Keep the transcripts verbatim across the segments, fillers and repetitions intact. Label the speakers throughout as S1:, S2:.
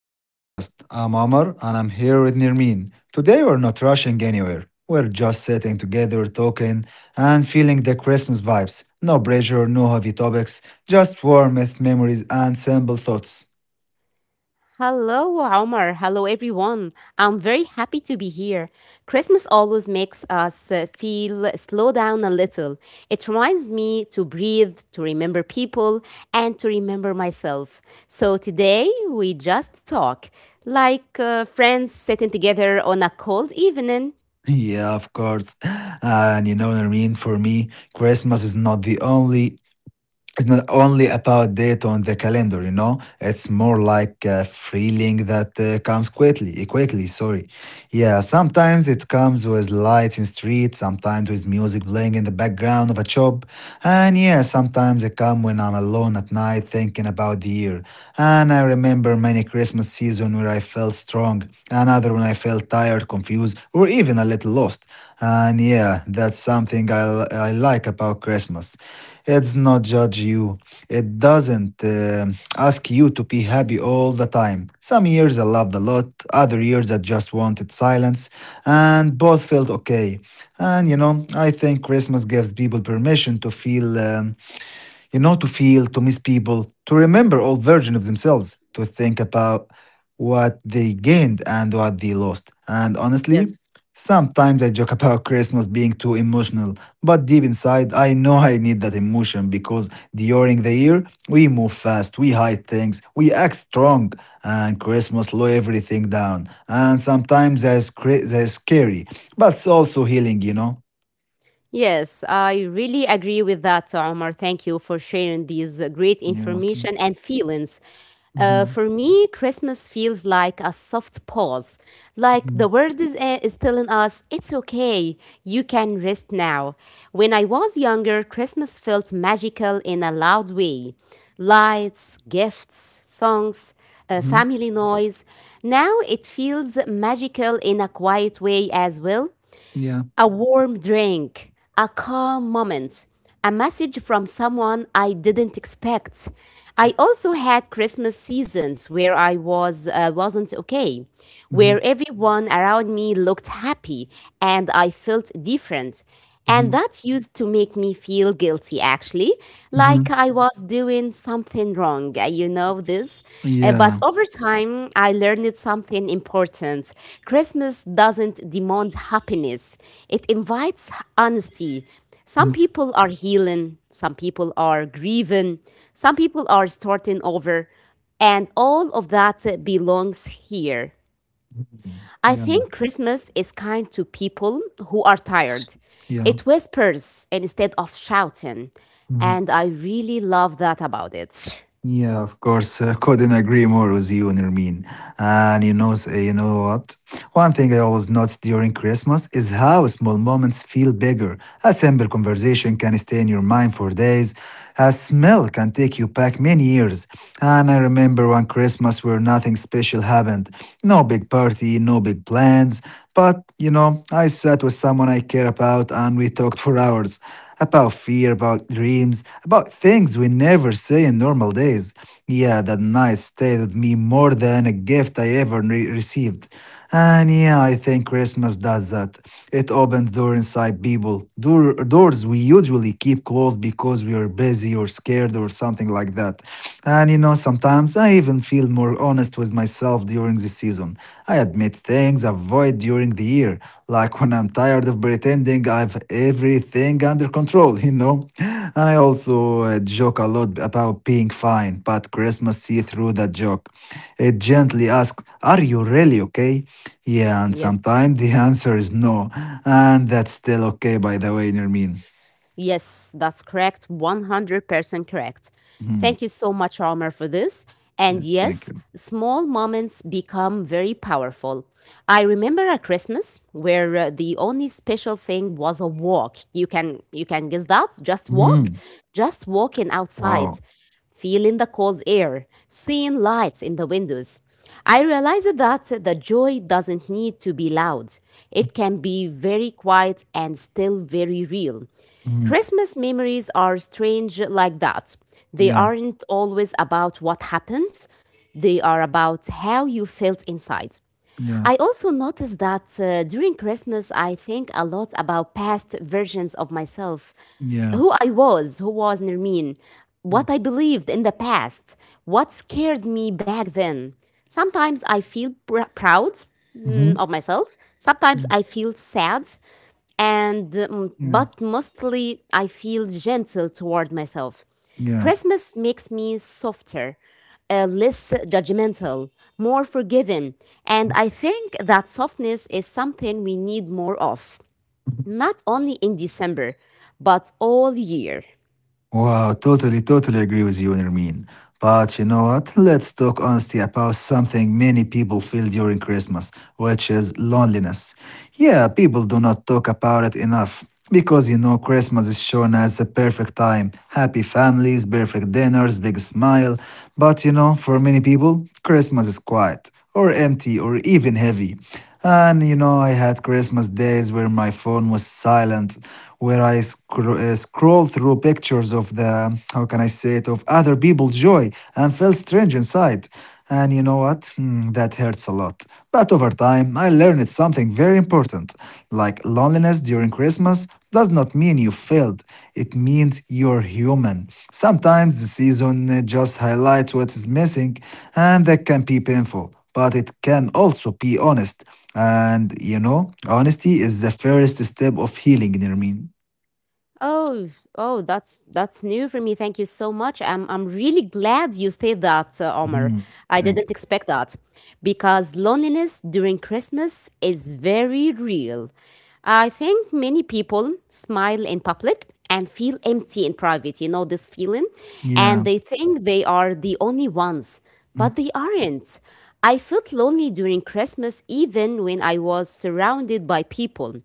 S1: to our podcast. I'm Amar and I'm here with Nirmin. Today, we're not rushing anywhere. We're just sitting together, talking, and feeling the Christmas vibes. No pressure, no heavy topics, just warmth, memories, and simple thoughts.
S2: Hello, Omar. Hello, everyone. I'm very happy to be here. Christmas always makes us uh, feel slow down a little. It reminds me to breathe, to remember people, and to remember myself. So today we just talk like uh, friends sitting together on a cold evening.
S1: Yeah, of course. And you know, Nirmin, for me, Christmas is not the only it's not only about date on the calendar, you know. It's more like a feeling that uh, comes quickly, quickly. Sorry. Yeah, sometimes it comes with lights in street, sometimes with music playing in the background of a shop, and yeah, sometimes it comes when I'm alone at night thinking about the year. And I remember many Christmas season where I felt strong, another when I felt tired, confused, or even a little lost. And yeah, that's something I, l- I like about Christmas. It's not judge you. It doesn't uh, ask you to be happy all the time. Some years I loved a lot, other years I just wanted silence, and both felt okay. And you know, I think Christmas gives people permission to feel um, you know, to feel, to miss people, to remember old versions of themselves, to think about what they gained and what they lost. And honestly, sometimes I joke about Christmas being too emotional, but deep inside, I know I need that emotion because during the year, we move fast, we hide things, we act strong, and Christmas slow everything down. And sometimes that's, cra- that's scary, but it's also healing, you know?
S2: Yes, I really agree with that, Omar. Thank you for sharing these uh, great
S1: Yeah. Okay.
S2: information and feelings. Uh,
S1: Mhm,
S2: for me, Christmas feels like a soft pause. Like the
S1: mhm,
S2: world is, uh, is telling us, it's okay, you can rest now. When I was younger, Christmas felt magical in a loud way: lights, gifts, songs, uh,
S1: mhm.
S2: family noise. Now it feels magical in a quiet way as well:
S1: Yeah.
S2: a warm drink, a calm moment, a message from someone I didn't expect. I also had Christmas seasons where I was uh, wasn't okay, where
S1: Mhm.
S2: everyone around me looked happy and I felt different. And
S1: Mhm.
S2: that used to make me feel guilty, actually, like
S1: Mhm.
S2: I was doing something wrong. uh, You know this? Uh, But
S1: Yeah.
S2: over time, I learned something important. Christmas doesn't demand happiness, it invites honesty. Some
S1: Mhm.
S2: people are healing, some people are grieving, some people are starting over, and all of that uh, belongs here.
S1: Mhm.
S2: I think
S1: Yeah.
S2: Christmas is kind to people who are tired.
S1: Yeah.
S2: It whispers instead of shouting, and
S1: Mhm.
S2: I really love that about it.
S1: Yeah, of course. I couldn't agree more with you, Nermin. And you know, s- uh, you know what? One thing I always notice during Christmas is how small moments feel bigger. A simple conversation can stay in your mind for days. A smell can take you back many years. And I remember one Christmas where nothing special happened. No big party, no big plans, But, you know, I sat with someone I care about and we talked for hours about fear, about dreams, about things we never say in normal days. Yeah, that night stayed with me more than a gift I ever re- received. And yeah, I think Christmas. Christmas that that it opened door inside people. Door, doors we usually keep closed because we are busy or scared or something like that. And you know, sometimes I even feel more honest with myself during the season. I admit things I avoid during the year, like when I'm tired of pretending I've everything under control, you know? And I
S2: Mhm.
S1: also uh, joke a lot about being fine, but Christmas see through that joke. It gently asks, are you really okay? Yeah, and
S2: Yes.
S1: sometimes the answer is no. And that's still okay, by the way, Nermin.
S2: Yes, that's correct. one hundred percent correct.
S1: Mhm.
S2: Thank you so much, Omar, for this. And
S1: Yeah, thank
S2: yes,
S1: you.
S2: small moments become very powerful. I remember a Christmas where uh, the only special thing was a walk. You can you can guess that, just walk,
S1: Hmm.
S2: just walking outside,
S1: Wow.
S2: feeling the cold air, seeing lights in the windows. I realized that the joy doesn't need to be loud. It can be very quiet and still very real.
S1: Hmm.
S2: Christmas memories are strange like that. They
S1: Yeah,
S2: aren't always about what happened, they are about how you felt inside.
S1: yeah,
S2: I also noticed that uh, during Christmas, I think a lot about past versions of myself:
S1: yeah.
S2: who I was, who was Nermeen, what I believed in the past, what scared me back then. Sometimes I feel pr- proud mm,
S1: Mm-hmm.
S2: of myself, sometimes I feel sad, and um,
S1: Yeah,
S2: but mostly I feel gentle toward myself.
S1: yeah.
S2: Christmas makes me softer, uh, less judgmental, more forgiving, and I think that softness is something we need more of,
S1: Mhm.
S2: not only in December, but all year.
S1: Wow, totally, totally agree with you, Nermin. But you know what? Let's talk honestly about something many people feel during Christmas, which is loneliness. Yeah, people do not talk about it enough. Because you know, Christmas is shown as the perfect time. Happy families, perfect dinners, big smile. But you know, for many people, Christmas is quiet, or empty, or even heavy. And you know, I had Christmas days where my phone was silent, where I scro- uh, scrolled through pictures of the, how can I say it, of other people's joy and felt strange inside. And you know what? Hmm, that hurts a lot. But over time, I learned something very important. Like loneliness during Christmas does not mean you failed, it means you're human. Sometimes the season uh, just highlights what is missing, and that can be painful, but it can also be honest. And you know, honesty is the first step of healing, Nirmin.
S2: Oh, oh, that's that's new for me. Thank you so much. I'm I'm really glad you said that, uh, Omar.
S1: Mm-hmm.
S2: I
S1: Thank
S2: didn't
S1: you.
S2: expect that because loneliness during Christmas is very real. I think many people smile in public and feel empty in private. You know this feeling, and
S1: Yeah.
S2: they think they are the only ones,
S1: Mm.
S2: but they aren't. I felt lonely during Christmas even when I was surrounded by people,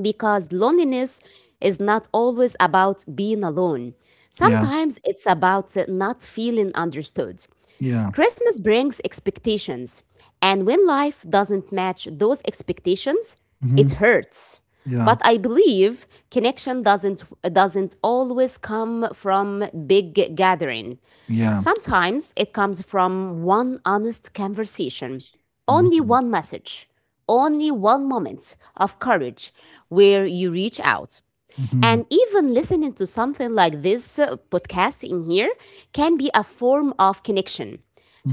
S2: because loneliness is not always about being alone.
S1: Yeah.
S2: Sometimes it's about not feeling understood.
S1: Yeah.
S2: Christmas brings expectations, and when life doesn't match those expectations,
S1: Hmm.
S2: it hurts.
S1: Yeah.
S2: But I believe connection doesn't doesn't always come from big gathering.
S1: Yeah.
S2: Sometimes it comes from one honest conversation, only
S1: Hmm.
S2: one message, only one moment of courage where you reach out.
S1: Hmm.
S2: And even listening to something like this uh, podcast in here can be a form of connection.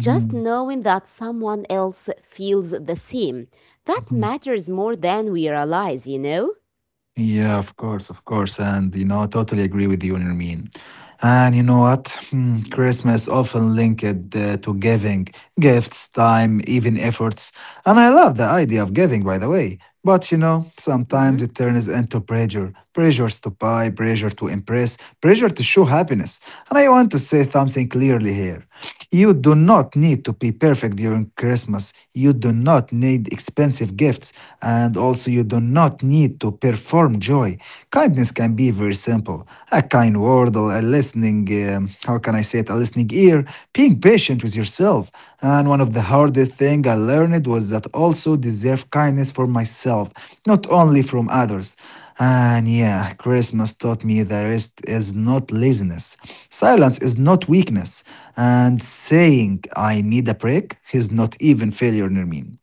S2: Just knowing that someone else feels the same, that
S1: mhm.
S2: matters more than we realize, you know?
S1: Yeah, of course, of course. And, you know, I totally agree with you, Nermeen. And you know what? Hmm, Christmas often linked uh, to giving gifts, time, even efforts. And I love the idea of giving, by the way. But, you know,
S2: Mhm.
S1: sometimes it turns into pressure pressures to buy, pressure to impress, pressure to show happiness. And I want to say something clearly here. You do not need to be perfect during Christmas. You do not need expensive gifts. And also, you do not need to perform joy. Kindness can be very simple a kind word, or a listening, um, how can I say it, a listening ear, being patient with yourself. And one of the hardest things I learned was that also deserve kindness for myself, not only from others. And yeah, Christmas taught me that rest is not laziness. Silence is not weakness and saying I need a break is not even failure, Nermin.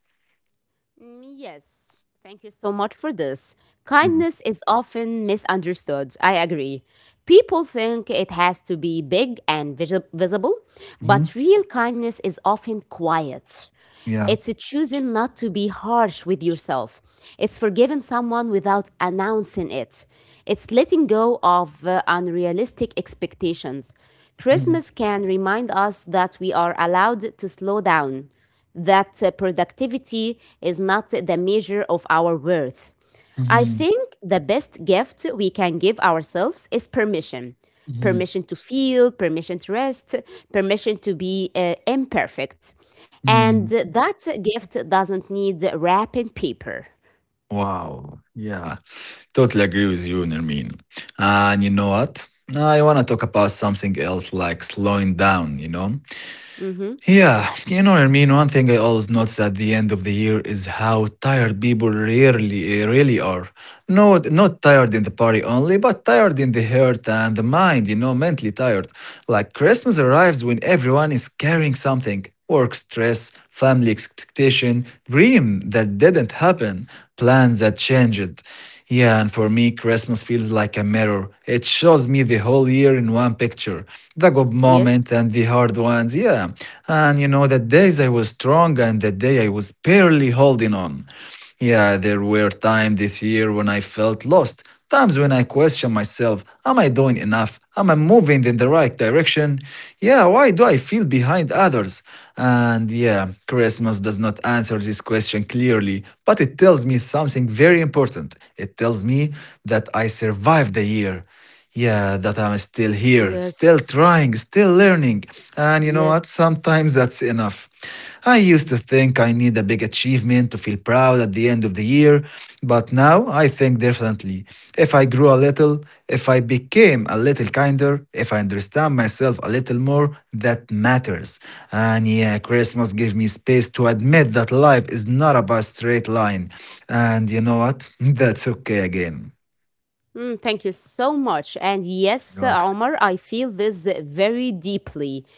S2: Mm, Yes, thank you so much for this. Kindness is often misunderstood. I agree. People think it has to be big and visi- visible,
S1: Mm-hmm.
S2: but real kindness is often quiet.
S1: Yeah.
S2: It's choosing not to be harsh with yourself. It's forgiving someone without announcing it. It's letting go of uh, unrealistic expectations.
S1: Mm-hmm.
S2: Christmas can remind us that we are allowed to slow down, that uh, productivity is not the measure of our worth. I
S1: Hmm.
S2: think the best gift we can give ourselves is permission: permission to feel, permission to rest, permission to be uh, imperfect. And
S1: Hmm.
S2: that gift doesn't need wrapping paper.
S1: Wow. Yeah. Totally agree with you, Nermin. And you know what? I want to talk about something else like slowing down, you know?
S2: Mm-hmm.
S1: Yeah. You know, Nermin, one thing I always notice at the end of the year is how tired people really, really are. No, not tired in the body only, but tired in the heart and the mind, you know, mentally tired. Like Christmas arrives when everyone is carrying something work stress, family expectation, dream that didn't happen, plans that changed. Yeah, and for me, Christmas feels like a mirror. It shows me the whole year in one picture the good moments
S2: Yes,
S1: and the hard ones, yeah. And you know, the days I was strong and the day I was barely holding on. Yeah, there were times this year when I felt lost, times when I questioned myself am I doing enough? Am I moving in the right direction? Yeah, why do I feel behind others? And yeah, Christmas does not answer this question clearly, but it tells me something very important. It tells me that I survived the year yeah that I'm still here
S2: yes,
S1: still trying still learning and you know
S2: yes.
S1: what sometimes that's enough I used to think I need a big achievement to feel proud at the end of the year but now I think differently if I grew a little if I became a little kinder if I understand myself a little more that matters and yeah Christmas gave me space to admit that life is not about straight line and you know what that's okay again.
S2: Mm, thank you so much. And yes,
S1: You're welcome.
S2: Omar, I feel this very deeply.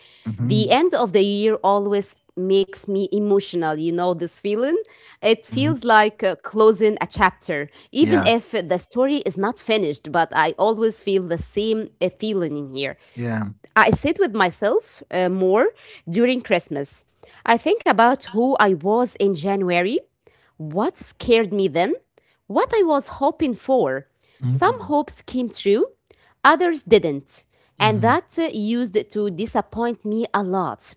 S2: The
S1: Mhm,
S2: end of the year always makes me emotional, you know, this feeling. It
S1: mhm.
S2: feels like uh, closing a chapter, even
S1: Yeah,
S2: if the story is not finished, but I always feel the same uh, feeling in here.
S1: yeah.
S2: I sit with myself uh, more during Christmas. I think about who I was in January, what scared me then? What I was hoping for. Some
S1: Mhm,
S2: hopes came true, others didn't. And
S1: mhm.
S2: that uh, used to disappoint me a lot.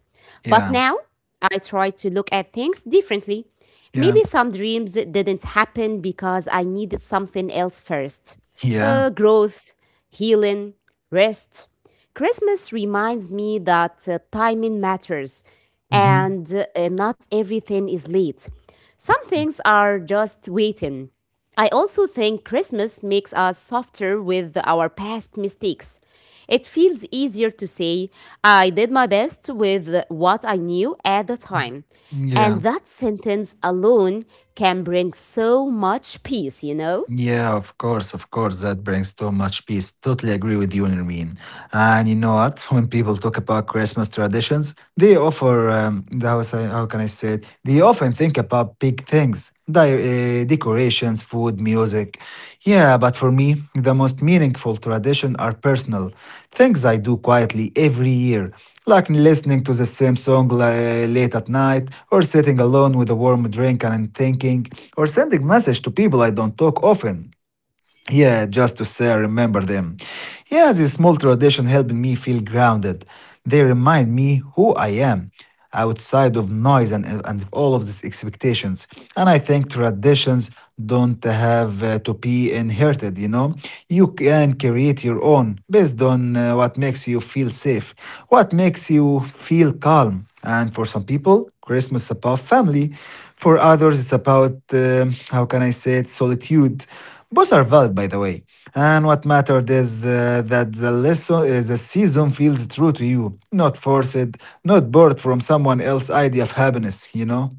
S2: But
S1: Yeah,
S2: now I try to look at things differently.
S1: yeah,
S2: Maybe some dreams didn't happen because I needed something else first:
S1: yeah.
S2: uh, growth, healing, rest. Christmas reminds me that uh, timing matters,
S1: Mhm.
S2: and uh, not everything is late. Some things are just waiting. I also think Christmas makes us softer with our past mistakes. It feels easier to say, I did my best with what I knew at the time.
S1: Mm,
S2: And
S1: yeah,
S2: that sentence alone can bring so much peace, you know?
S1: yeah, of course, of course. That brings so much peace. Totally agree with you, Nereen. And you know what? When people talk about Christmas traditions, they offer, um, the- how, say, how can I say it? They often think about big things, di- uh, decorations, food, music. Yeah, but for me, the most meaningful tradition are personal things I do quietly every year, like listening to the same song li- late at night, or sitting alone with a warm drink and thinking, or sending message to people I don't talk often. Yeah, just to say I remember them. Yeah, this small tradition helping me feel grounded. They remind me who I am outside of noise and, and all of these expectations. And I think traditions don't have uh, to be inherited, you know? You can create your own based on uh, what makes you feel safe, what makes you feel calm. And for some people, Christmas is about family. For others, it's about, um how can I say it, solitude. Both are valid, by the way. And what mattered is uh, that the lesson, uh, the season feels true to you, not forced, not borrowed from someone else's idea of happiness. You know.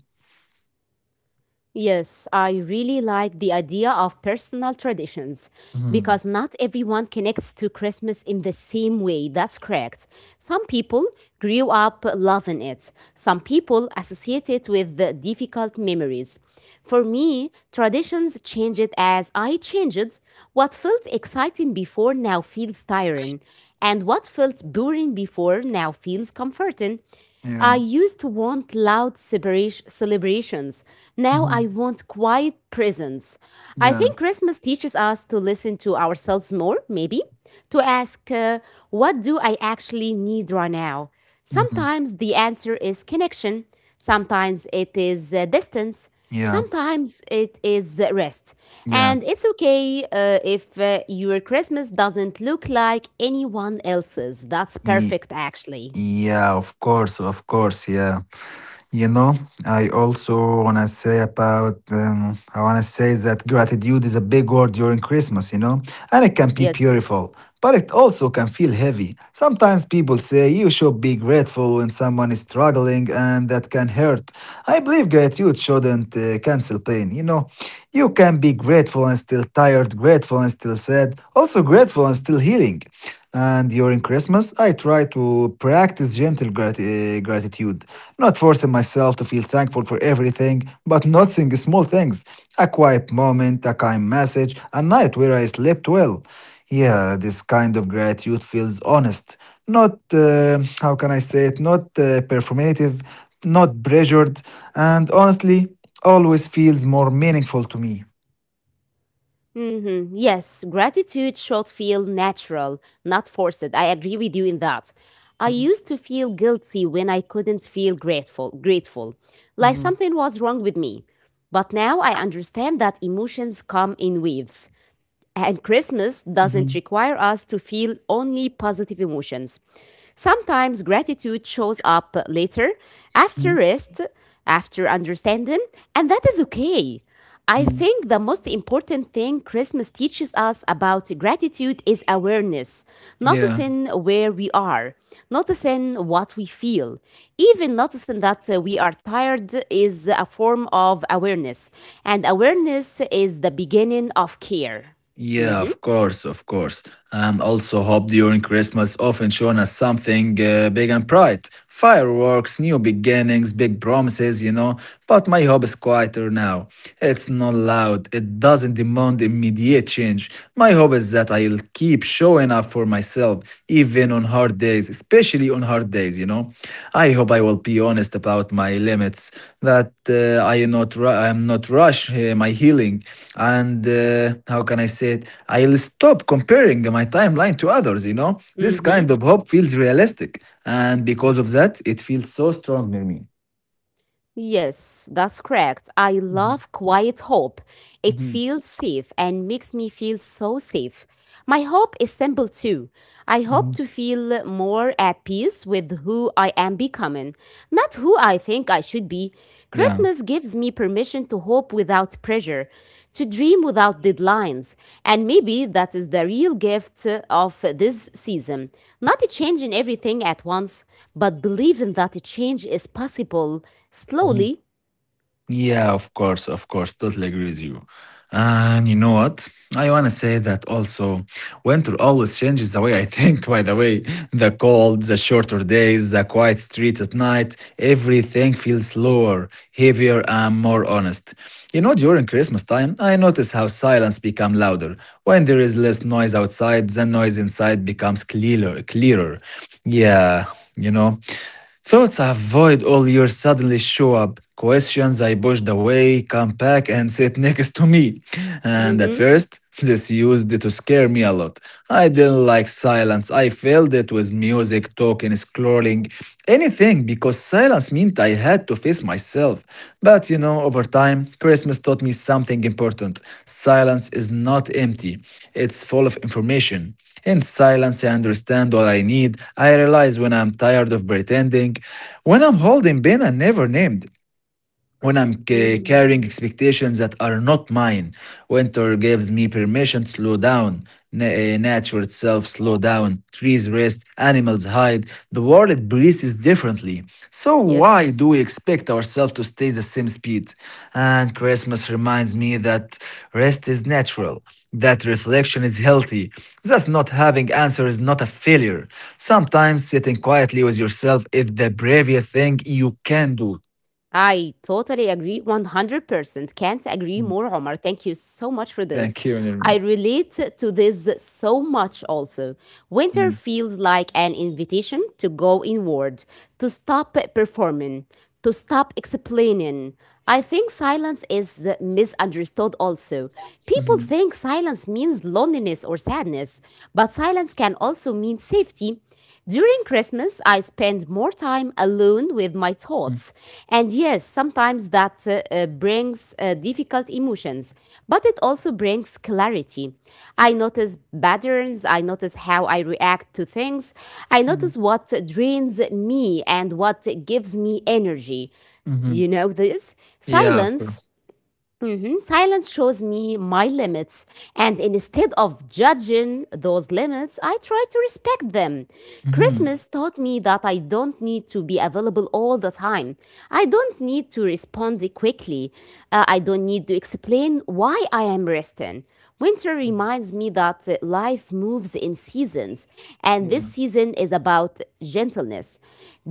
S2: Yes, I really like the idea of personal traditions
S1: Hmm.
S2: because not everyone connects to Christmas in the same way. That's correct. Some people grew up loving it, some people associate it with the difficult memories. For me, traditions changed as I changed. What felt exciting before now feels tiring, and what felt boring before now feels comforting. I
S1: Yeah.
S2: used to want loud separation- celebrations. Now
S1: Hmm.
S2: I want quiet presence. I
S1: Yeah.
S2: think Christmas teaches us to listen to ourselves more, maybe, to ask, uh, what do I actually need right now?
S1: Hmm.
S2: Sometimes the answer is connection, sometimes it is uh, distance,
S1: Yeah.
S2: sometimes it is uh, rest.
S1: Yeah.
S2: And it's okay uh, if uh, your Christmas doesn't look like anyone else's. That's
S1: Ye-
S2: perfect, actually.
S1: yeah. Of course. Of course. Yeah. You know, I also want to say about, um, I want to say that gratitude is a big word during Christmas, you know, and it can be
S2: Yes.
S1: beautiful, but it also can feel heavy. Sometimes people say you should be grateful when someone is struggling, and that can hurt. I believe gratitude shouldn't uh, cancel pain, you know. You can be grateful and still tired, grateful and still sad, also grateful and still healing. And during Christmas, I try to practice gentle grati- eh, gratitude, not forcing myself to feel thankful for everything, but noticing small things a quiet moment, a kind message, a night where I slept well. Yeah, this kind of gratitude feels honest. Not, uh, how can I say it, not uh, performative, not pressured, and honestly, always feels more meaningful to me.
S2: Hmm. Yes, gratitude should feel natural, not forced. I agree with you in that. I used to feel guilty when I couldn't feel grateful, grateful, like
S1: Mhm,
S2: something was wrong with me. But now I understand that emotions come in waves. And Christmas doesn't
S1: mhm,
S2: require us to feel only positive emotions. Sometimes gratitude shows up later, after
S1: mhm,
S2: rest, after understanding, and that is okay. I
S1: mhm.
S2: think the most important thing Christmas teaches us about gratitude is awareness,
S1: Yeah.
S2: noticing where we are, noticing what we feel. Even noticing that uh, we are tired is a form of awareness, and awareness is the beginning of care.
S1: Yeah, of
S2: Mh-mh.
S1: course, of course. And also hope during Christmas often shown as something uh, big and bright. Fireworks, new beginnings, big promises, you know. But my hub is quieter now. It's not loud. It doesn't demand immediate change. My hope is that I'll keep showing up for myself, even on hard days, especially on hard days, you know? I hope I will be honest about my limits, that uh, I am not ru- I am not rush uh, my healing. And uh, how can I say it? I'll stop comparing my timeline to others, you know? This kind
S2: Mh-mh.
S1: of hope feels realistic. And because of that, it feels so strong near me.
S2: Yes, that's correct. I
S1: Mhm,
S2: love Quiet Hope. It
S1: mhm,
S2: feels safe and makes me feel so safe. My hope is simple too. I hope
S1: mhm.
S2: to feel more at peace with who I am becoming, not who I think I should be.
S1: Yeah.
S2: Christmas gives me permission to hope without pressure, to dream without deadlines, and maybe that is the real gift of this season. Not to change in everything at once, but believing that a change is possible
S1: Mhm.
S2: slowly.
S1: Yeah, of course, of course. Totally agree with you. And you know what? I want to say that also winter always changes the way I think, by the way. The cold, the shorter days, the quiet streets at night, everything feels slower, heavier, and more honest. You know, during Christmas time, I notice how silence become louder. When there is less noise outside, the noise inside becomes clearer, clearer. Yeah, you know. Thoughts I avoid all year suddenly show up. Questions I pushed away come back and sit next to me. And at
S2: Mhm.
S1: first, this used to scare me a lot. I didn't like silence. I filled it with music music, talking, scrolling, anything, because silence meant I had to face myself. But you know, over time, Christmas taught me something important. Silence is not empty, it's full of information. In silence, I understand what I need. I realize when I'm tired of pretending, when I'm holding pain I never named, when I'm ca-
S2: Mhm.
S1: carrying expectations that are not mine. Winter gives me permission to slow down. Na- eh, nature itself slow down. Trees rest, animals hide. The world breathes differently. So
S2: Yes,
S1: why do we expect ourselves to stay the same speed? And Christmas reminds me that rest is natural. That reflection is healthy. Thus, not having answer is not a failure. Sometimes sitting quietly with yourself is the bravest thing you can do.
S2: I totally agree. one hundred percent. Can't agree more, Omar. Thank you so much for this.
S1: Thank you,
S2: I
S1: Nermin.
S2: relate to this so much also. Winter
S1: Mm,
S2: feels like an invitation to go inward, to stop performing, to stop explaining. I think silence is misunderstood also. People
S1: mhm,
S2: think silence means loneliness or sadness, but silence can also mean safety. During Christmas, I spend more time alone with my
S1: mm,
S2: thoughts. And yes, sometimes that uh, uh, brings uh, difficult emotions, but it also brings clarity. I notice patterns, I notice how I react to things, I
S1: mm,
S2: notice what drains me and what gives me energy.
S1: mhm.
S2: You know this?
S1: Yeah, of
S2: Silence,
S1: course.
S2: mhm, silence shows me my limits. And instead of judging those limits, I try to respect them.
S1: Mhm,
S2: Christmas taught me that I don't need to be available all the time. I don't need to respond quickly. Uh, I don't need to explain why I am resting. Winter
S1: mm,
S2: reminds me that uh, life moves in seasons, and this
S1: yeah,
S2: season is about gentleness.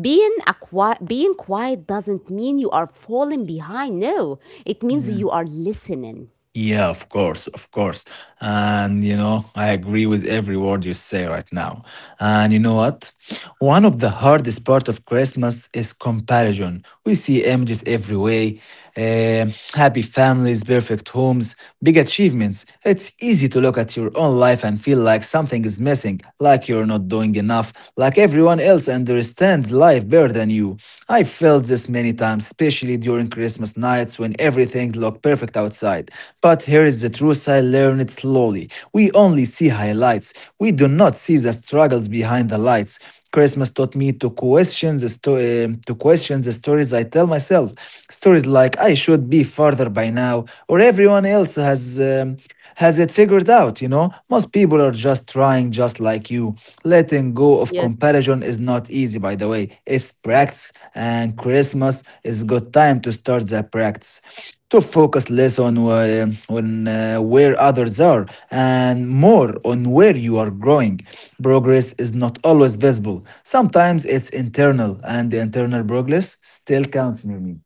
S2: Being, a qui- being quiet doesn't mean you are falling behind, no, it means
S1: yeah.
S2: you are listening.
S1: Yeah, of course, of course. And you know, I agree with every word you say right now. And you know what? One of the hardest part of Christmas is comparison. We see images everywhere, um, happy families, perfect homes, big achievements. It's easy to look at your own life and feel like something is missing, like you're not doing enough, like everyone else understands life better than you. I felt this many times, especially during Christmas nights when everything looked perfect outside. But here is the truth, I learned it slowly. We only see highlights, we do not see the struggles behind the lights. Christmas taught me to question the sto- uh, to question the stories I tell myself. Stories like I should be further by now, or everyone else has um, has it figured out. You know, most people are just trying, just like you. Letting go of
S2: Yes,
S1: comparison is not easy, by the way. It's
S2: yes.
S1: practice, and Christmas is a good time to start that practice, to focus less on, uh, on uh, where others are and more on where you are growing. Progress is not always visible. Sometimes it's internal, and the internal progress still counts, Nurmi.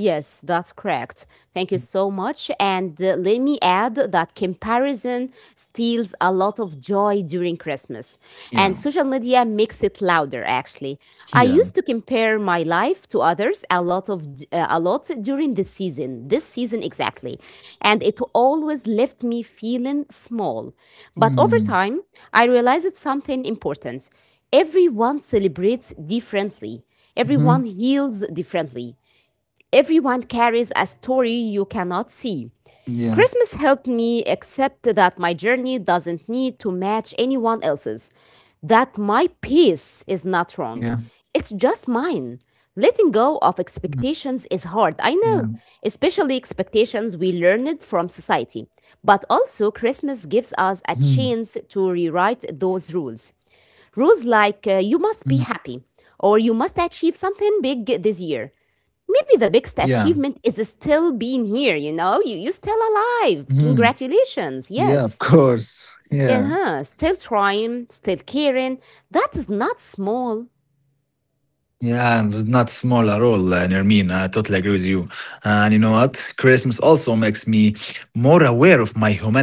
S2: Yes, that's correct. Thank you so much. And uh, let me add that comparison steals a lot of joy during Christmas. And
S1: Yeah,
S2: social media makes it louder actually. I used
S1: yeah.
S2: to compare my life to others a lot of d- uh, a lot during the season, this season exactly. And it always left me feeling small. But over
S1: Mm.
S2: time, I realized something important. Everyone celebrates differently.
S1: Hmm.
S2: Everyone heals differently. Everyone carries a story you cannot see.
S1: Yeah,
S2: Christmas helped me accept that my journey doesn't need to match anyone else's,
S1: yeah.
S2: that my pace is not wrong. It's
S1: Mm.
S2: just mine. Letting
S1: Yeah.
S2: go of expectations is hard, I know, especially expectations we learned from society. But
S1: Mm.
S2: also, Christmas gives us a chance to rewrite those rules.
S1: Mm.
S2: Rules like uh, you must be happy or you must achieve something big this year.
S1: Yeah.
S2: Maybe the biggest achievement is still being here, you know? You, you're still
S1: Mm.
S2: alive.
S1: Yeah, of
S2: Congratulations.
S1: course.
S2: Yes.
S1: Yeah.
S2: Uh-huh. Still trying, still caring. That is not small.
S1: Yeah, and not small at all, uh, Nermeen. I totally agree with you. And you know what? Christmas also makes me more aware of my humanity,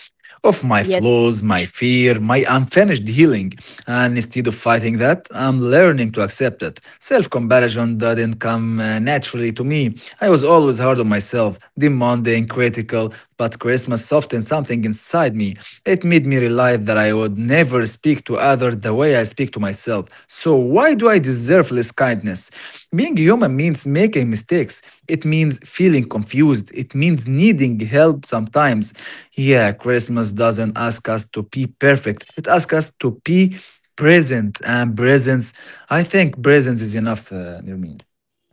S1: of my flaws, my
S2: Yes.
S1: fear, my unfinished healing. And instead of fighting that, I'm learning to accept it. Self comparison didn't come uh, naturally to me. I was always hard on myself, demanding, critical, but Christmas softened something inside me. It made me realize that I would never speak to others the way I speak to myself. So, why do I deserve less kindness? Being human means making mistakes, it means feeling confused, it means needing help sometimes. Yeah, Christmas doesn't ask us to be perfect. It asks us to be present, and presence, I think presence is enough, uh, Nirmin.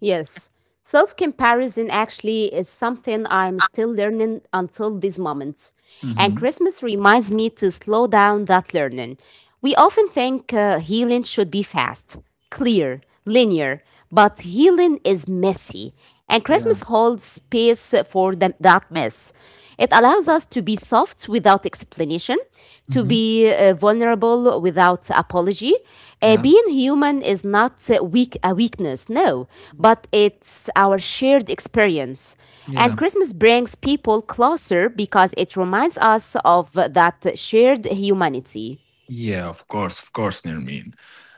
S2: Yes, self comparison actually is something I'm still learning until this moment. And
S1: Hmm.
S2: Christmas reminds me to slow down that learning. We often think uh, healing should be fast, clear, linear, but healing is messy. And
S1: Yeah.
S2: Christmas holds space for them, that mess. It allows us to be soft without explanation, to
S1: Hmm.
S2: be uh, vulnerable without apology. Uh,
S1: Yeah.
S2: being human is not uh, weak a weakness, no, but it's our shared experience. And
S1: Yeah.
S2: Christmas brings people closer because it reminds us of that shared humanity.
S1: Yeah, of course, of course, Nermeen.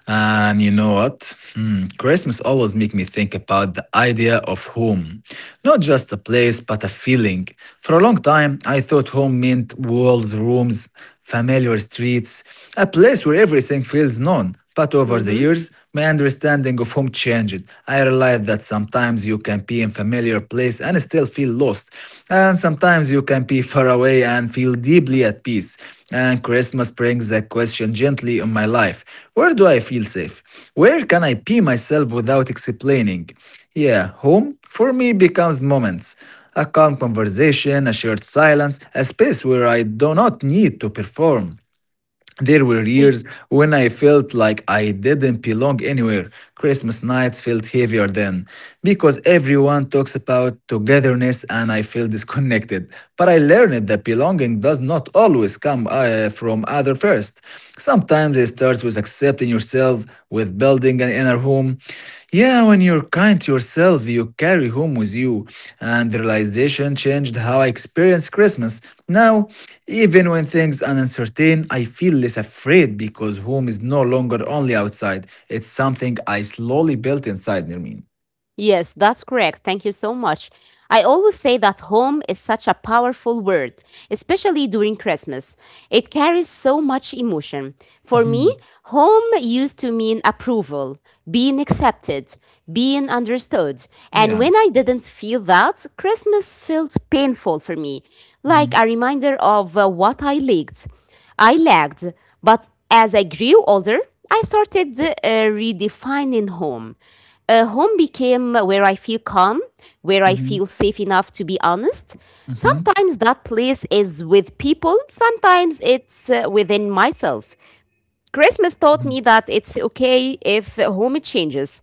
S1: And you know what? Hmm, Christmas always make me think about the idea of home. Not just a place, but a feeling. For a long time, I thought home meant walls, rooms, familiar streets, a place where everything feels known. But over the
S2: Mhm.
S1: years, my understanding of home changed. I realized that sometimes you can be in familiar place place and still feel lost. And sometimes you can be far away and feel deeply at peace. And Christmas brings that question gently in my life. Where do I feel safe? Where can I be myself without explaining? Yeah, home for me becomes moments. A calm conversation, a shared silence, a space where I do not need to perform. There were years when I felt like I didn't belong anywhere. Christmas nights felt heavier then because everyone talks about togetherness and I feel disconnected. But I learned that belonging does not always come uh, from other first. Sometimes it starts with accepting yourself, with building an inner home. Yeah, when you're kind to yourself, you carry home with you. And the realization changed how I experience Christmas. Now, even when things are uncertain, I feel less afraid because home is no longer only outside. It's something I slowly built inside, Nermin.
S2: Yes, that's correct. Thank you so much. I always say that home is such a powerful word, especially during Christmas. It carries so much emotion. For me,
S1: Mhm.
S2: home used to mean approval, being accepted, being understood. And
S1: Yeah.
S2: when I didn't feel that, Christmas felt painful for me, like
S1: Mhm.
S2: a reminder of uh, what I lacked. I lagged, but as I grew older, I started uh, redefining home. Uh, home became where I feel calm, where I
S1: Mhm.
S2: feel safe enough to be honest.
S1: Mhm.
S2: Sometimes that place is with people, sometimes it's uh, within myself. Christmas taught
S1: Mhm.
S2: me that it's okay if home changes,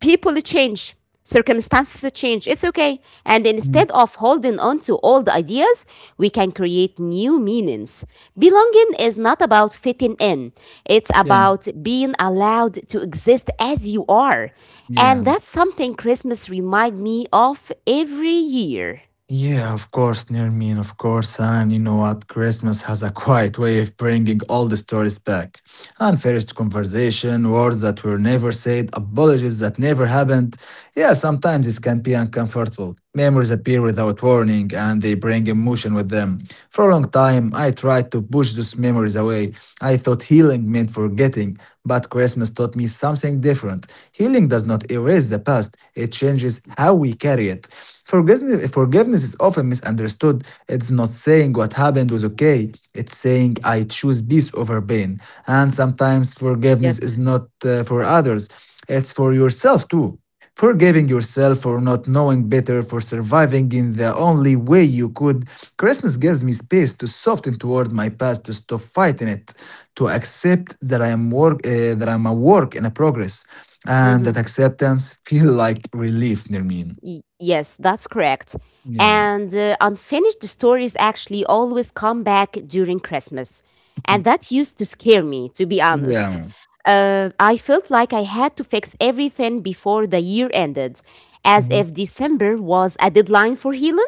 S2: people change, circumstances change. It's okay, and
S1: Mhm.
S2: instead of holding on to old ideas, we can create new meanings. Belonging is not about fitting in, it's
S1: Yeah.
S2: about being allowed to exist as you are, and
S1: Yeah.
S2: that's something Christmas remind me of every year.
S1: Yeah, of course, Nermin, of course. And you know what? Christmas has a quiet way of bringing all the stories back. Unfinished conversation, words that were never said, apologies that never happened. Yeah, sometimes this can be uncomfortable. Memories appear without warning and they bring emotion with them. For a long time, I tried to push those memories away. I thought healing meant forgetting, but Christmas taught me something different. Healing does not erase the past, it changes how we carry it. Forgiveness, forgiveness is often misunderstood. It's not saying what happened was okay, it's saying I choose peace over pain. And sometimes forgiveness
S2: Yes.
S1: is not uh, for others, it's for yourself too, forgiving yourself for not knowing better, for surviving in the only way you could. Christmas gives me space to soften toward my past, to stop fighting it, to accept that I am work, uh, that I'm a work in a progress, and that
S2: Mhm.
S1: acceptance feel like relief, Nermin.
S2: Y- yes, that's correct.
S1: Yeah,
S2: And uh, unfinished stories actually always come back during Christmas. And
S1: mhm,
S2: that used to scare me, to be honest.
S1: yeah,
S2: Uh, I felt like I had to fix everything before the year ended, as
S1: mhm,
S2: if December was a deadline for healing.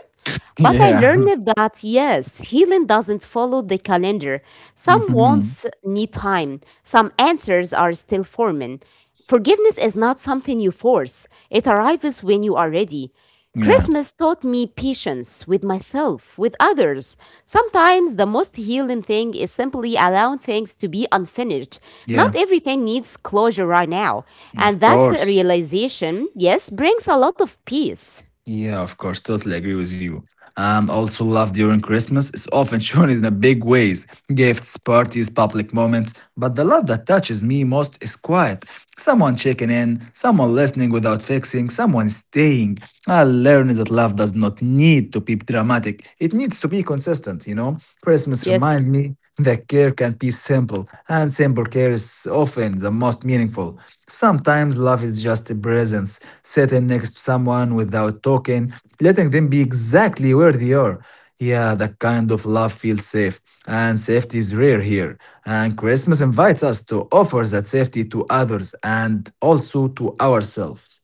S2: But I
S1: yeah,
S2: learned that yes, healing doesn't follow the calendar. Some
S1: mhm,
S2: wants need time, some answers are still forming. Forgiveness is not something you force, it arrives when you are ready.
S1: yeah,
S2: Christmas taught me patience with myself, with others. Sometimes the most healing thing is simply allowing things to be unfinished. Not
S1: yeah.
S2: everything needs closure right now.
S1: Of
S2: And that
S1: course.
S2: realization, yes, brings a lot of peace.
S1: Yeah, of course, totally agree with you. And also, love during Christmas is often shown in the big ways: gifts, parties, public moments. But the love that touches me most is quiet. Someone checking in, someone listening without fixing, someone staying. I learned that love does not need to be dramatic dramatic. It needs to be consistent, you know? Christmas
S2: Yes.
S1: reminds me that care can be simple, and simple care is often the most meaningful. Sometimes love is just a presence, sitting next to someone without talking, letting them be exactly where they are. Yeah, that kind of love feels safe, and safety is rare here. And Christmas invites us to offer that safety to others and also to ourselves.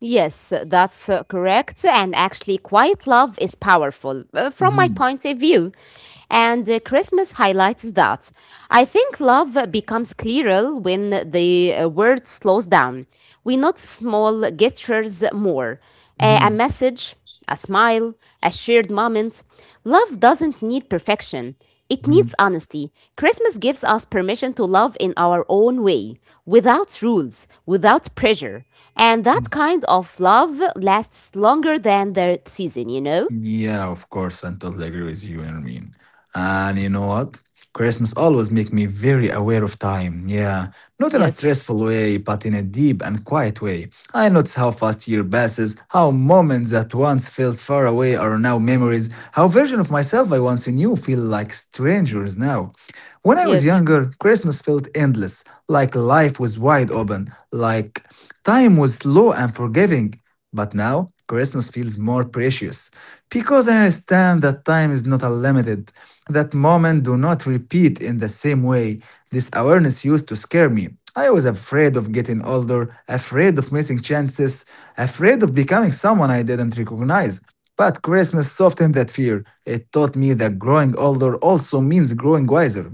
S2: Yes, uh, that's uh, correct. And actually, quiet love is powerful uh, from my
S1: Mhm,
S2: point of view. And uh, Christmas highlights that. I think love becomes clearer when the uh, word slows down. We notice small gestures more, uh, a
S1: mhm,
S2: message, a smile, a shared moment. Love doesn't need perfection, it
S1: mhm,
S2: needs honesty. Christmas gives us permission to love in our own way, without rules, without pressure. And that
S1: mhm.
S2: kind of love lasts longer than the season, you know?
S1: Yeah, of course, I totally agree with you, Nermeen. And you know what? Christmas always make me very aware of time. Yeah, not in a
S2: Yes.
S1: stressful way, but in a deep and quiet way. I notice how fast year passes, how moments that once felt far away are now memories, how version of myself I once knew feel like strangers now. When I was
S2: Yes.
S1: younger, Christmas felt endless, like life was wide open, like time was slow and forgiving. But now, Christmas feels more precious because I understand that time is not unlimited, that moments do not repeat in the same way. This awareness used to scare me. I was afraid of getting older, afraid of missing chances, afraid of becoming someone I didn't recognize. But Christmas softened that fear. It taught me that growing older also means growing wiser.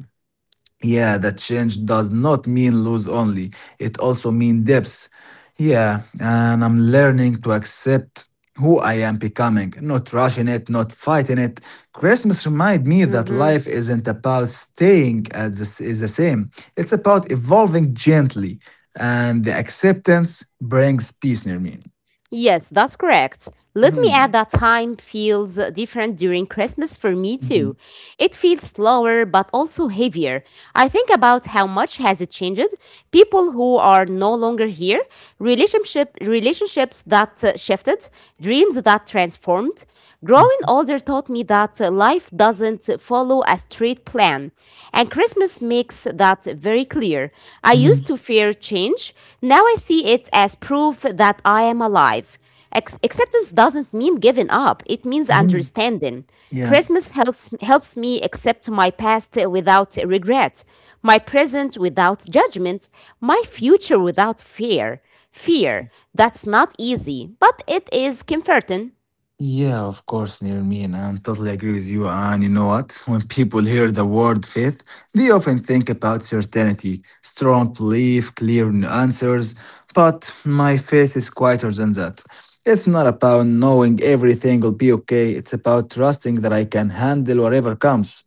S1: Yeah, that change does not mean lose only. It also means depths. Yeah, and I'm learning to accept who I am becoming, not rushing it, not fighting it. Christmas remind me that
S2: Hmm.
S1: life isn't about staying at the, s- is the same. It's about evolving gently, and the acceptance brings peace near me.
S2: Yes, that's correct. Let me add
S1: Mhm,
S2: that time feels different during Christmas for me
S1: mhm,
S2: too. It feels slower but also heavier. I think about how much has it changed, people who are no longer here, relationship relationships that uh, shifted, dreams that transformed. Growing
S1: mhm,
S2: older taught me that uh, life doesn't follow a straight plan, and Christmas makes that very clear. I
S1: mhm,
S2: used to fear change. Now I see it as proof that I am alive. Ex- acceptance doesn't mean giving up, it means
S1: mhm.
S2: understanding.
S1: Yeah.
S2: Christmas helps, helps me accept my past without regret, my present without judgment, my future without fear. Fear, that's not easy, but it is comforting.
S1: Yeah, of course, me, and I totally agree with you. And you know what? When people hear the word faith, they often think about certainty, strong belief, clear answers. But my faith is quieter than that. It's not about knowing everything will be okay, it's about trusting that I can handle whatever comes.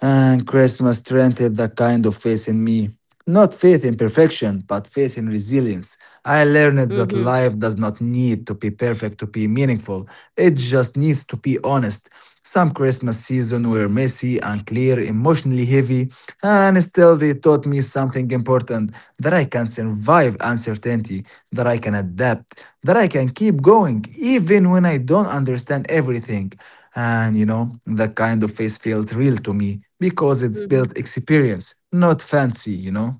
S1: And Christmas strengthened that kind of faith in me. Not faith in perfection, but faith in resilience. I learned that
S2: Hmm.
S1: life does not need to be perfect to be meaningful, it just needs to be honest. Some Christmas season were messy, unclear, emotionally heavy, and still, they taught me something important that I can survive uncertainty, that I can adapt, that I can keep going, even when I don't understand everything. And you know, that kind of face felt real to me because it's
S2: Hmm.
S1: built experience, not fancy, you know?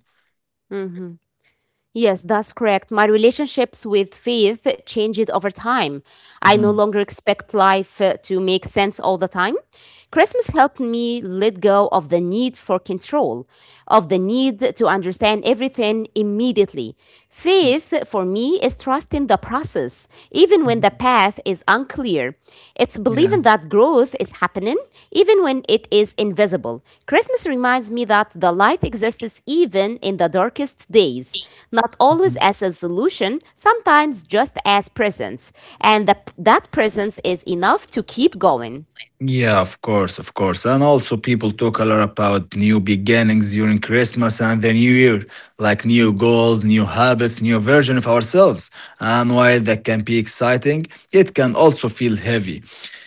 S2: Hmm. Yes, that's correct. My relationships with faith changed over time. I no
S1: Mhm.
S2: longer expect life uh, to make sense all the time. Christmas helped me let go of the need for control, of the need to understand everything immediately. Faith, for me, is trusting the process, even
S1: Mhm.
S2: when the path is unclear. It's
S1: Yeah.
S2: believing that growth is happening, even when it is invisible. Christmas reminds me that the light exists even in the darkest days, not always as a solution, sometimes just as presence. And the, that presence is enough to keep going.
S1: Yeah, of course, of course. And also, people talk a lot about new beginnings during Christmas and the New Year, like new goals, new habits, new version of ourselves. And while that can be exciting, it can also feel heavy.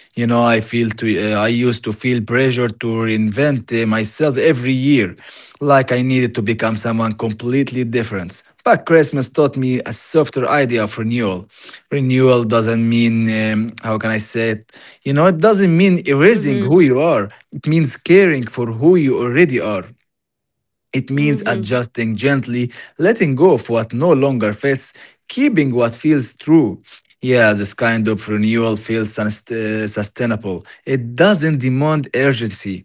S1: You know, I feel to uh, I used to feel pressure to reinvent uh, myself every year, like I needed to become someone completely different. But Christmas taught me a softer idea of renewal. Renewal doesn't mean um, how can I say it? You know, it doesn't mean erasing who
S2: Mm-hmm.
S1: you are. It means caring for who you already are. It means
S2: Mm-hmm.
S1: adjusting gently, letting go of what no longer fits, keeping what feels true. Yeah, this kind of renewal feels sus- uh, sustainable. It doesn't demand urgency.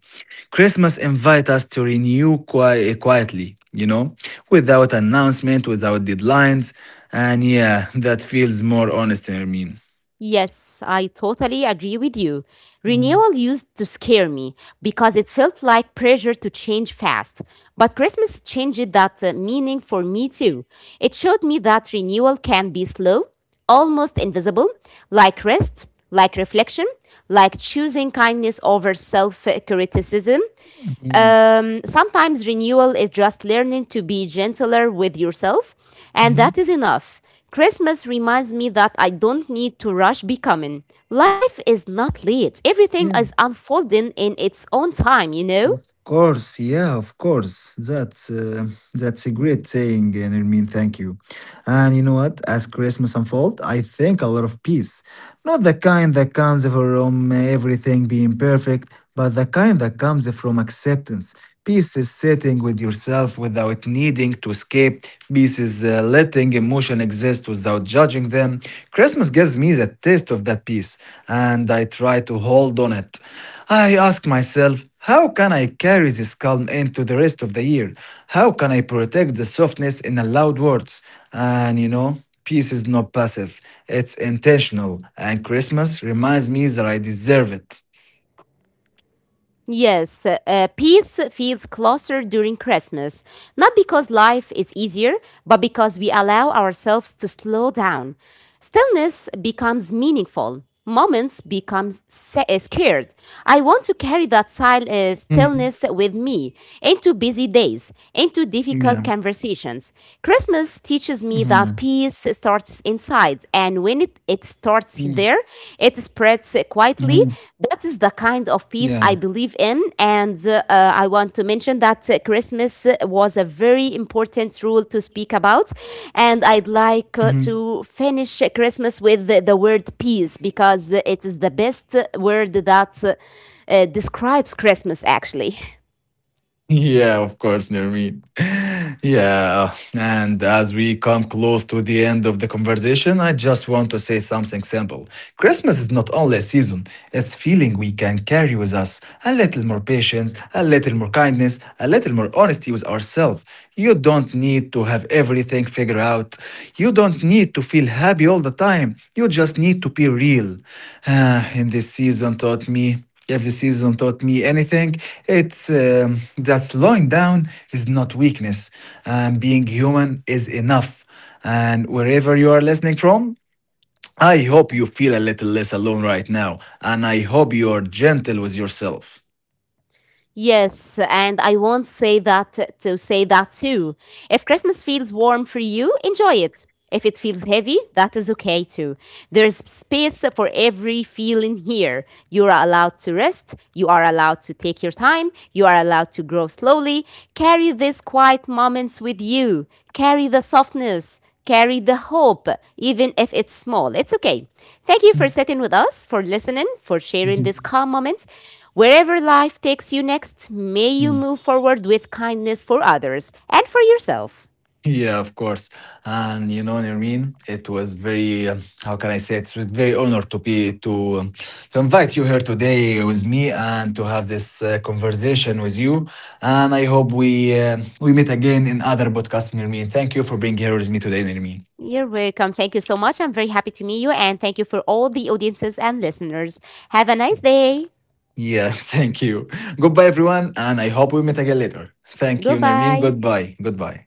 S1: Christmas invites us to renew qui- quietly, you know, without announcement, without deadlines. And yeah, that feels more honest, I mean.
S2: Yes, I totally agree with you.
S1: Mhm,
S2: Renewal used to scare me because it felt like pressure to change fast. But Christmas changed that uh, meaning for me too. It showed me that renewal can be slow, almost invisible, like rest, like reflection, like choosing kindness over self criticism.
S1: mhm,
S2: Um, sometimes renewal is just learning to be gentler with yourself, and
S1: mhm.
S2: that is enough. Christmas reminds me that I don't need to rush becoming. Life is not late, everything is
S1: Yeah.
S2: unfolding in its own time, you know?
S1: Of course, yeah, of course. That's uh, that's a great saying, and I mean, thank you. And you know what? As Christmas unfolds, I think a lot of peace, not the kind that comes from everything being perfect, but the kind that comes from acceptance. Peace is sitting with yourself without needing to escape. Peace is uh, letting emotion exist without judging them. Christmas gives me the taste of that peace, and I try to hold on it. I ask myself. How can I carry this calm into the rest of the year? How can I protect the softness in the loud words? And you know, peace is not passive, it's intentional. And Christmas reminds me that I deserve it.
S2: Yes, uh, peace feels closer during Christmas, not because life is easier, but because we allow ourselves to slow down. Stillness becomes meaningful. Moments become sa- uh, scared. I want to
S1: Mhm.
S2: carry that sil- uh, stillness with me into busy
S1: Yeah.
S2: days, into difficult conversations.
S1: Mhm.
S2: Christmas teaches me that that peace starts inside. And when
S1: Mm.
S2: it, it starts there, it
S1: Mhm.
S2: spreads quietly. That is
S1: Yeah.
S2: the kind of peace I believe in. And uh, uh, I want to mention that uh, Christmas was a very important rule to speak about. And
S1: Mhm.
S2: I'd like uh, to finish Christmas with the, the word peace because it is the best word that uh, uh, describes Christmas, actually.
S1: Yeah, of course, Nirmeen. Yeah, and as we come close to the end of the conversation, I just want to say something simple. Christmas is not only a season, it's feeling we can carry with us. A little more patience, a little more kindness, a little more honesty with ourselves. You don't need to have everything figured out. You don't need to feel happy all the time. You just need to be real. Ah, and this season taught me. If the season taught me anything, it's um, that slowing down is not weakness, and being human is enough. And wherever you are listening from, I hope you feel a little less alone right now, and I hope you are gentle with yourself.
S2: Yes, and I won't say that to say that too. If Christmas feels warm for you, enjoy it. If it feels heavy, that is okay too. There is space for every feeling here. You are allowed to rest, you are allowed to take your time, you are allowed to grow slowly. Carry these quiet moments with you. Carry the softness, carry the hope, even if it's small. It's okay. Thank you for sitting with us, for listening, for sharing these calm moments. Wherever life takes you next, may you move forward with kindness for others and for yourself.
S1: Yeah, of course. And you know, Nirmeen, it was very, um, how can I say, it It was very honored to be to um, to invite you here today with me and to have this uh, conversation with you. And I hope we uh, we meet again in other podcasts, Nirmeen. Thank you for being here with me today, Nirmeen.
S2: You're welcome. Thank you so much. I'm very happy to meet you, and thank you for all the audiences and listeners. Have a nice day.
S1: Yeah, thank you. Goodbye, everyone, and I hope we meet again later. Thank you, Nirmeen.
S2: Goodbye.
S1: Goodbye. Goodbye.